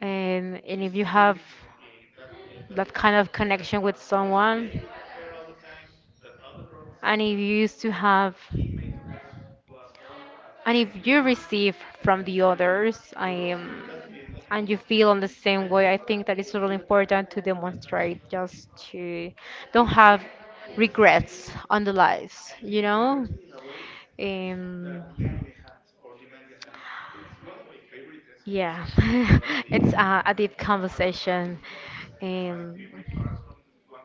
[SPEAKER 1] and and if you have that kind of connection with someone and if you used to have and if you receive from the others, um, and you feel on the same way, I think that it's really important to demonstrate just to don't have regrets on the lives, you know? Um, yeah, [LAUGHS] it's uh, a deep conversation. Um, oh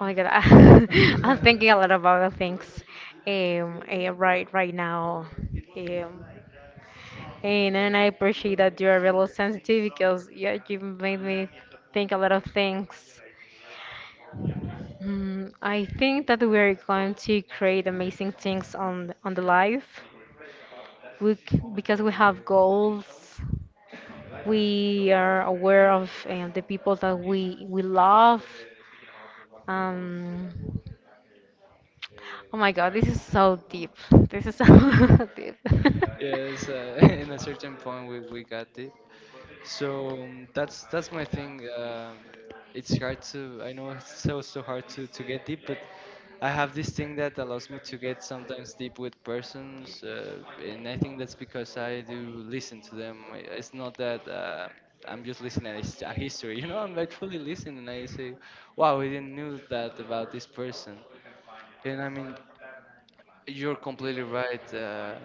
[SPEAKER 1] my god, I, [LAUGHS] I'm thinking a lot about other things. Um, eh, right, right now. Um, and, and I appreciate that you are really sensitive because yeah, you made me think a lot of things. Hmm, I think that we are going to create amazing things on on the life. We, c- because we have goals, we are aware of uh, the people that we we love. Um, oh my God, this is so deep. This is so [LAUGHS] deep. [LAUGHS]
[SPEAKER 2] Yes, uh, [LAUGHS] in a certain point, we, we got it. So um, that's that's my thing. Um, it's hard to, I know it's so so hard to to get deep, but I have this thing that allows me to get sometimes deep with persons, uh, and I think that's because I do listen to them. I- It's not that uh, I'm just listening at his- a history, [LAUGHS] you know. I'm actually listening, and I say, "Wow, I didn't knew that about this person." And I mean, you're completely right. Uh,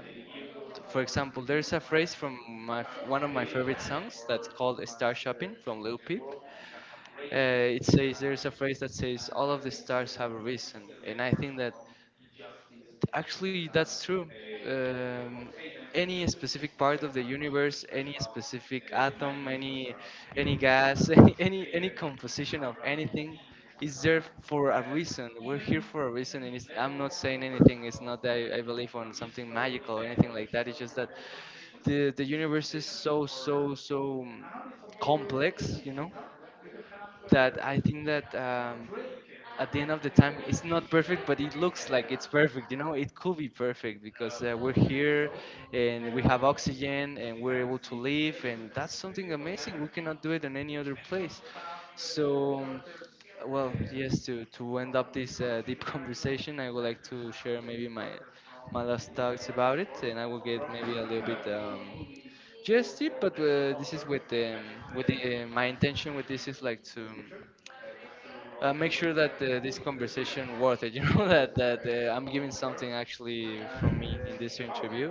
[SPEAKER 2] For example, there's a phrase from my f- one of my favorite songs that's called "Star Shopping" from Lil Peep. Uh, it says, there's a phrase that says all of the stars have a reason, and I think that actually, that's true. Um, any specific part of the universe, any specific atom, any any gas, [LAUGHS] any any, any composition of anything is there for a reason. We're here for a reason, and it's, I'm not saying anything. It's not that I, I believe on something magical or anything like that. It's just that the the universe is so so so um, complex, you know, that I think that um, at the end of the time, it's not perfect, but it looks like it's perfect, you know? It could be perfect because uh, we're here and we have oxygen and we're able to live, and that's something amazing. We cannot do it in any other place. So um, well, yes, to to end up this uh, deep [LAUGHS] conversation, I would like to share maybe my my last thoughts about it, and I will get maybe a little bit um just deep, but uh, this is with um, with the, my intention with this is like to um, uh, make sure that uh, this conversation worth it. [LAUGHS] You know, that that uh, I'm giving something actually from me in this interview.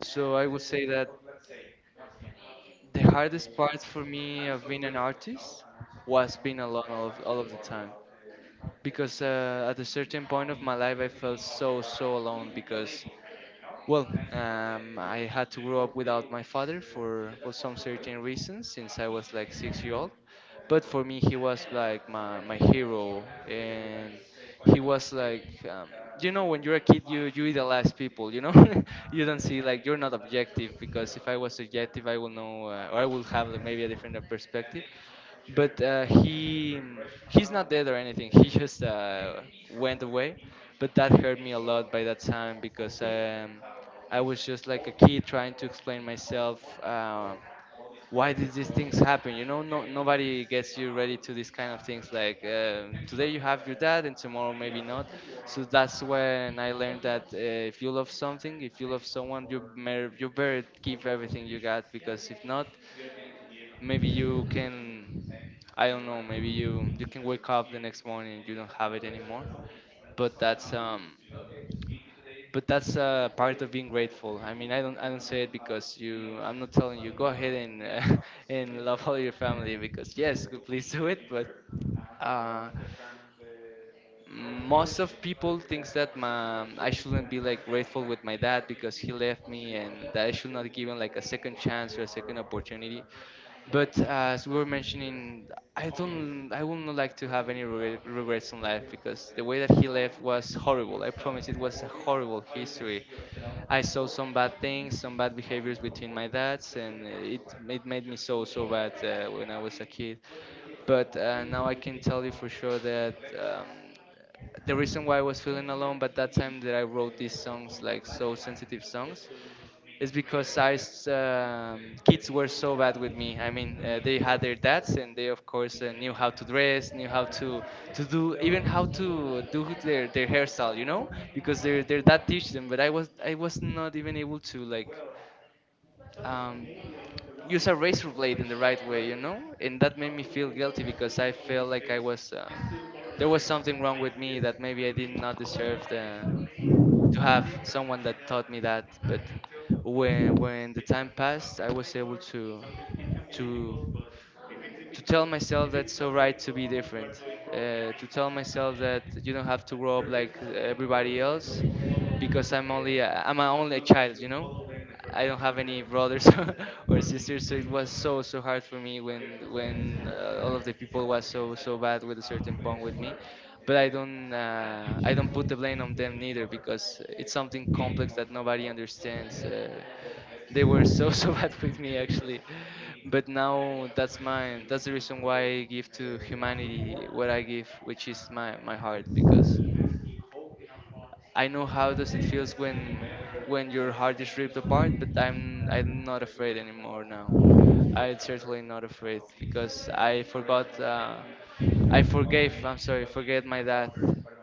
[SPEAKER 2] So I would say that the hardest part for me of being an artist was being alone all of, all of the time, because uh, at a certain point of my life, I felt so so alone because, well, um, I had to grow up without my father for, for some certain reasons since I was like six years old. But for me, he was like my, my hero, and he was like, um, you know, when you're a kid, you you idolize people, you know? [LAUGHS] You don't see like, you're not objective because if I was objective, I will know, uh, or I will have like maybe a different uh, perspective. But uh, he he's not dead or anything. [LAUGHS] He just uh, went away. But that hurt me a lot by that time because um, I was just like a kid trying to explain myself, um, why did these things happen, you know? No, Nobody gets you ready to these kind of things, like um, today you have your dad and tomorrow maybe not. So that's when I learned that uh, if you love something, if you love someone, you, mer- you better give everything you got because if not, maybe you can, I don't know, maybe you you can wake up the next morning and you don't have it anymore. But that's um but that's uh, part of being grateful. I mean, I don't I don't say it because you. I'm not telling you go ahead and uh, [LAUGHS] and love all your family because yes, good, please do it. But uh, most of people thinks that my, I shouldn't be like grateful with my dad because he left me, and that I should not give him like a second chance or a second opportunity. But uh, as we were mentioning, I don't I would not like to have any regret, regrets in life because the way that he left was horrible. I promise it was a horrible history. I saw some bad things, some bad behaviors between my dads, and it it made me so so bad uh, when I was a kid. But uh, now I can tell you for sure that um, the reason why I was feeling alone, but that time that I wrote these songs like so sensitive songs, it's because I s- um, kids were so bad with me. I mean, uh, they had their dads, and they of course uh, knew how to dress, knew how to to do, even how to do their their hairstyle, you know, because their their dad teach them. But I was I was not even able to like um, use a razor blade in the right way, you know, and that made me feel guilty because I felt like I was uh, there was something wrong with me that maybe I did not deserve Uh, to have someone that taught me that. But when when the time passed, I was able to to to tell myself that's so right to be different, uh, to tell myself that you don't have to grow up like everybody else because I'm only a, I'm a only a child, you know, I don't have any brothers [LAUGHS] or sisters. So it was so so hard for me when when uh, all of the people was so so bad with a certain punk with me. But I don't uh, I don't put the blame on them neither because it's something complex that nobody understands. Uh, they were so [LAUGHS] so bad with me actually. But now that's my, that's the reason why I give to humanity what I give, which is my my heart because I know how does it feels when when your heart is ripped apart. But i'm I'm not afraid anymore now. I'm certainly not afraid because I forgot, uh, I forgave, I'm sorry, forget my dad.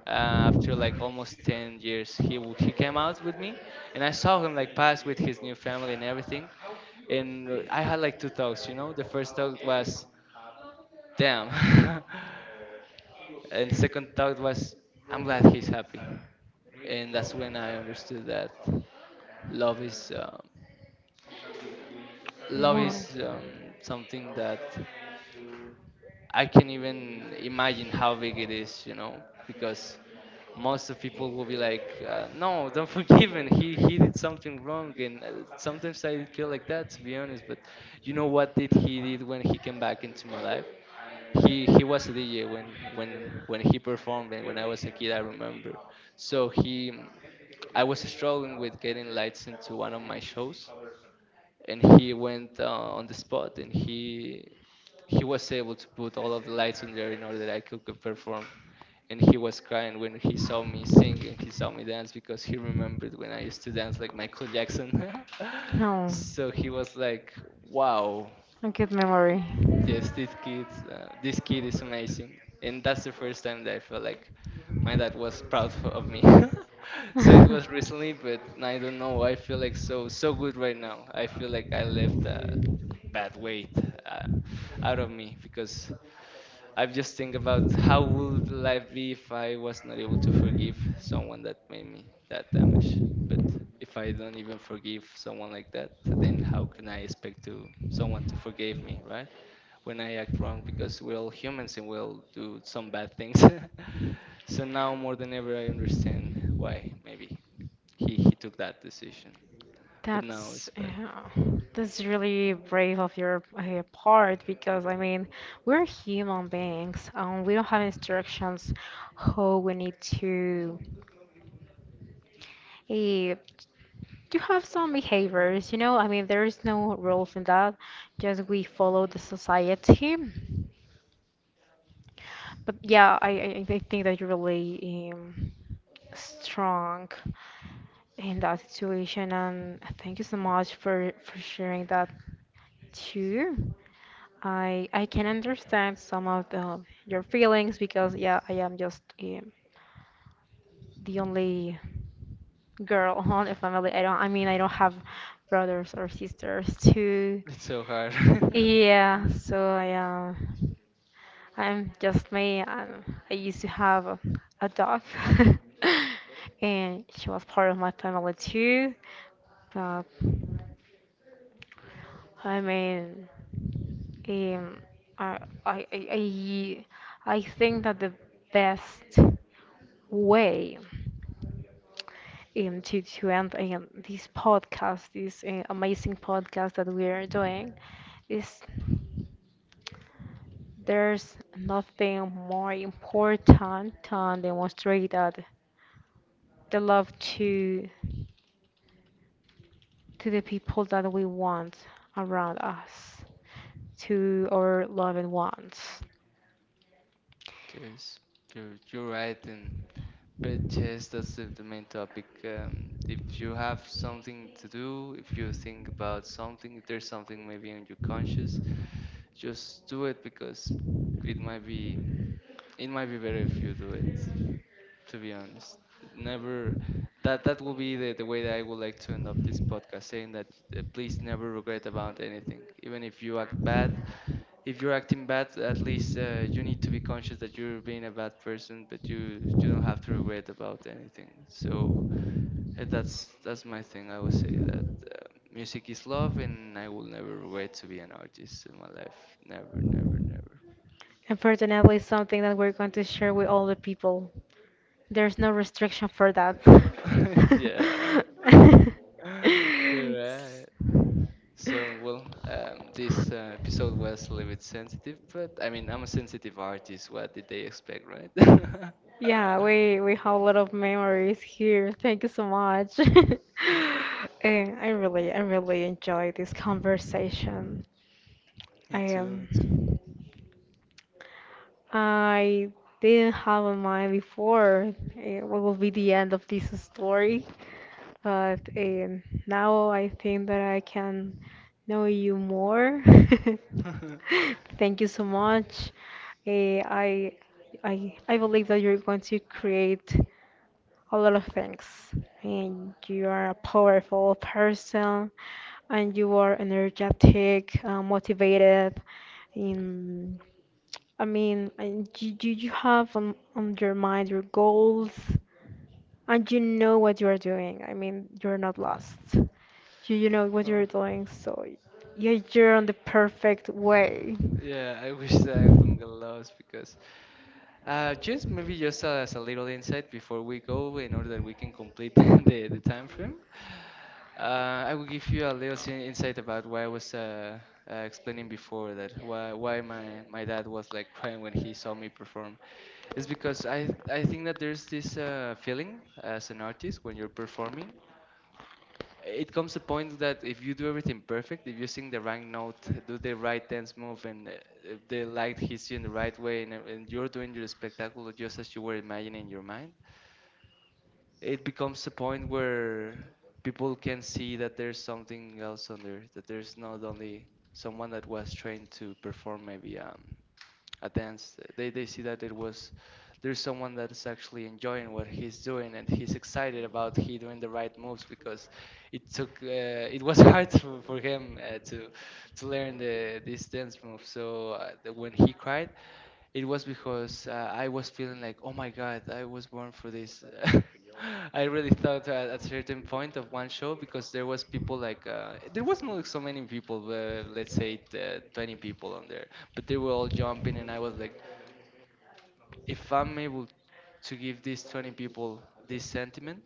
[SPEAKER 2] uh, After like almost ten years, he w- he came out with me, and I saw him like pass with his new family and everything, and I had like two thoughts. You know, the first thought was, "Damn," [LAUGHS] and the second thought was, "I'm glad he's happy." And that's when I understood that love is, um, love
[SPEAKER 1] Wow.
[SPEAKER 2] is um, something that I can even imagine how big it is. You know, because most of people will be like, uh, "No, don't [LAUGHS] forgive him. He he did something wrong." And uh, sometimes I feel like that, to be honest. But you know what did he did when he came back into my life? He he was a D J when when when he performed and when I was a kid, I remember. So he I was struggling with getting lights into one of my shows and he went uh, on the spot and he he was able to put all of the lights on there in order that I could, could perform, and he was crying when he saw me sing and he saw me dance because he remembered when I used to dance like Michael Jackson. [LAUGHS]
[SPEAKER 1] No,
[SPEAKER 2] So he was like, "Wow,
[SPEAKER 1] a good memory.
[SPEAKER 2] yes, this kid, uh, this kid is amazing," and that's the first time that I felt like my dad was proud [LAUGHS] for, of me. [LAUGHS] So it
[SPEAKER 1] [LAUGHS]
[SPEAKER 2] was recently, but I don't know. I feel like so so good right now. I feel like I left a bad weight uh, out of me, because I just think about how would life be if I was not able to forgive someone that made me that damage. But if I don't even forgive someone like that, then how can I expect to someone to forgive me, right? When I act wrong, because we're all humans and we'll do some bad things. [LAUGHS] So now more than ever, I understand why maybe he, he took that decision. But now
[SPEAKER 1] That's
[SPEAKER 2] it's back.
[SPEAKER 1] uh, that's really brave of your uh, part because I mean we're human beings and we don't have instructions how we need to uh, do have some behaviors, you know? I mean there is no rules in that, just we follow the society. But yeah, I I, I think that you're really um, strong in that situation and thank you so much for for sharing that too. I I can understand some of the, your feelings because yeah, I am just um, the only girl [LAUGHS] on the family. I don't. I mean, I don't have brothers or sisters to.
[SPEAKER 2] It's so hard. [LAUGHS]
[SPEAKER 1] Yeah, so I uh, I'm just me. Um, I used to have a, a dog, [LAUGHS] and she was part of my family too. But I mean, um, I, I I I I think that the best way um, to to end um, this podcast, this uh, amazing podcast that we are doing, is there's nothing more important than demonstrate that the love to to the people that we want around us, to our loved ones.
[SPEAKER 2] Yes, you're, you're right. And but yes, that's the, the main topic. Um, if you have something to do, if you think about something, if there's something maybe on your conscience, just do it, because it might be it might be better if you do it, to be honest. Never, that that will be the, the way that I would like to end up this podcast, saying that uh, please never regret about anything. Even if you act bad, if you're acting bad, at least uh, you need to be conscious that you're being a bad person, but you you don't have to regret about anything. So uh, that's that's my thing. I would say that music is love, and I will never regret to be an artist in my life. Never, never,
[SPEAKER 1] And personally, it's something that we're going to share with all the people. There's no restriction for that.
[SPEAKER 2] never. [LAUGHS] Yeah, [LAUGHS] you're right.
[SPEAKER 1] [LAUGHS] [LAUGHS]
[SPEAKER 2] So, well, um, this uh, episode was a little bit sensitive, but I mean, I'm a sensitive artist. What did they expect, right?
[SPEAKER 1] Yeah, we we have a lot of memories here. Thank you so much. [LAUGHS]
[SPEAKER 2] [LAUGHS]
[SPEAKER 1] Eh, I really I really enjoy this conversation. I
[SPEAKER 2] Me too,
[SPEAKER 1] am.
[SPEAKER 2] me too.
[SPEAKER 1] I didn't have in mind before eh, what will be the end of this story, but um, now I think that I can know you more.
[SPEAKER 2] [LAUGHS]
[SPEAKER 1] [LAUGHS] Thank you so much. Eh, I I I believe that you're going to create a lot of things. And you are a powerful person, and you are energetic, uh, motivated. In, I mean, and you, you you have on, on your mind your goals, and you know what you are doing. I mean, you're not lost. You, you know what
[SPEAKER 2] Oh,
[SPEAKER 1] you're doing, so yeah, you're on the perfect way.
[SPEAKER 2] yeah, I wish that I wouldn't get lost, because uh, just maybe just as a little insight before we go, in order that we can complete [LAUGHS] the, the time frame. Uh, I will give you a little sin- insight about why I was uh, uh, explaining before that why why my, my dad was like crying when he saw me perform. It's because I I think that there's this uh, feeling as an artist when you're performing. It comes a point that if you do everything perfect, if you sing the right note, do the right dance move, and uh, uh, the light hits you in the right way, and, ev- and you're doing your spectacle just as you were imagining in your mind, it becomes a point where people can see that there's something else under, that there's not only someone that was trained to perform maybe um, a dance. They, they see that it was there's someone that's actually enjoying what he's doing, and he's excited about he doing the right moves, because it took uh, it was [LAUGHS] hard for, for him uh, to to learn the this dance move. So uh, the, when he cried, it was because uh, I was feeling like, oh my God, I was born for this. [LAUGHS] I really thought at a certain point of one show, because there was people like uh, there was not so many people, uh, let's say uh, twenty people on there, but they were all jumping, and I was like, if I'm able to give these twenty people this sentiment,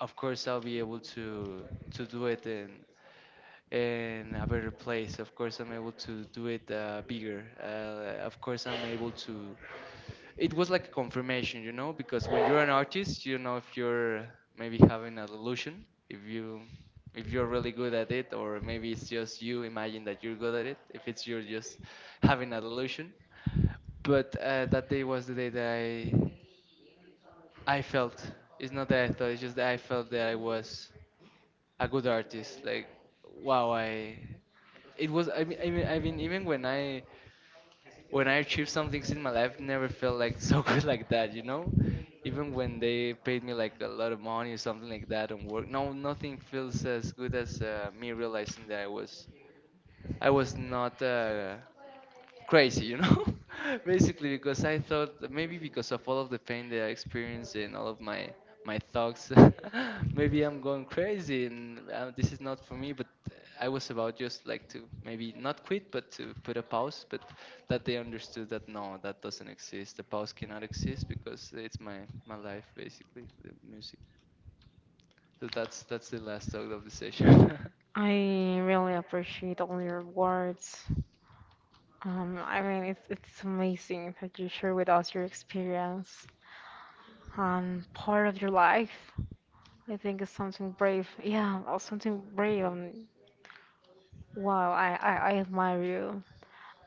[SPEAKER 2] of course I'll be able to to do it in in a better place. Of course I'm able to do it uh, bigger. Uh, of course I'm able to, it was like a confirmation, you know, because when you're an artist, you know if you're maybe having a delusion, if you if you're really good at it, or maybe it's just you imagine that you're good at it. If it's you're just having a delusion. But uh, that day was the day that I I felt. It's not that I thought. It's just that I felt that I was a good artist. Like wow, I it was. I mean, I mean, I mean even when I when I achieved some things in my life, never felt like [LAUGHS] so good like that, you know? Even when they paid me like a lot of money or something like that and work, no, nothing feels as good as uh, me realizing that I was I was not uh, crazy, you know, [LAUGHS] basically because I thought that maybe because of all of the pain that I experienced and all of my my thoughts, [LAUGHS] maybe I'm going crazy, and uh, this is not for me. But I was about just like to maybe not quit, but to put a pause. But that they understood that no, that doesn't exist. The pause cannot exist, because it's my my life basically, the music. So that's that's the last talk of the session.
[SPEAKER 1] I really appreciate all your words. Um, I mean, it's, it's amazing that you share with us your experience and part of your life. I think it's something brave. Yeah, or something brave. Um, wow, I, I, I admire you.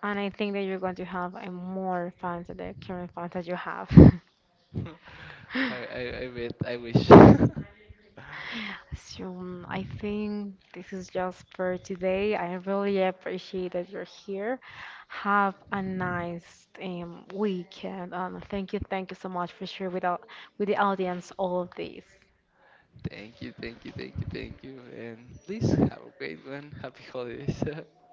[SPEAKER 1] And I think that you're going to have a more fans than the current fans that you have. [LAUGHS]
[SPEAKER 2] [LAUGHS] I, I I bet. I wish. [LAUGHS]
[SPEAKER 1] So um, I think this is just for today. I really appreciate that you're here. Have a nice um, weekend. Um, thank you, thank you so much for sharing with, our, with the audience all of this.
[SPEAKER 2] Thank you, thank you, thank you, thank you. And please have a great one. Happy holidays. [LAUGHS]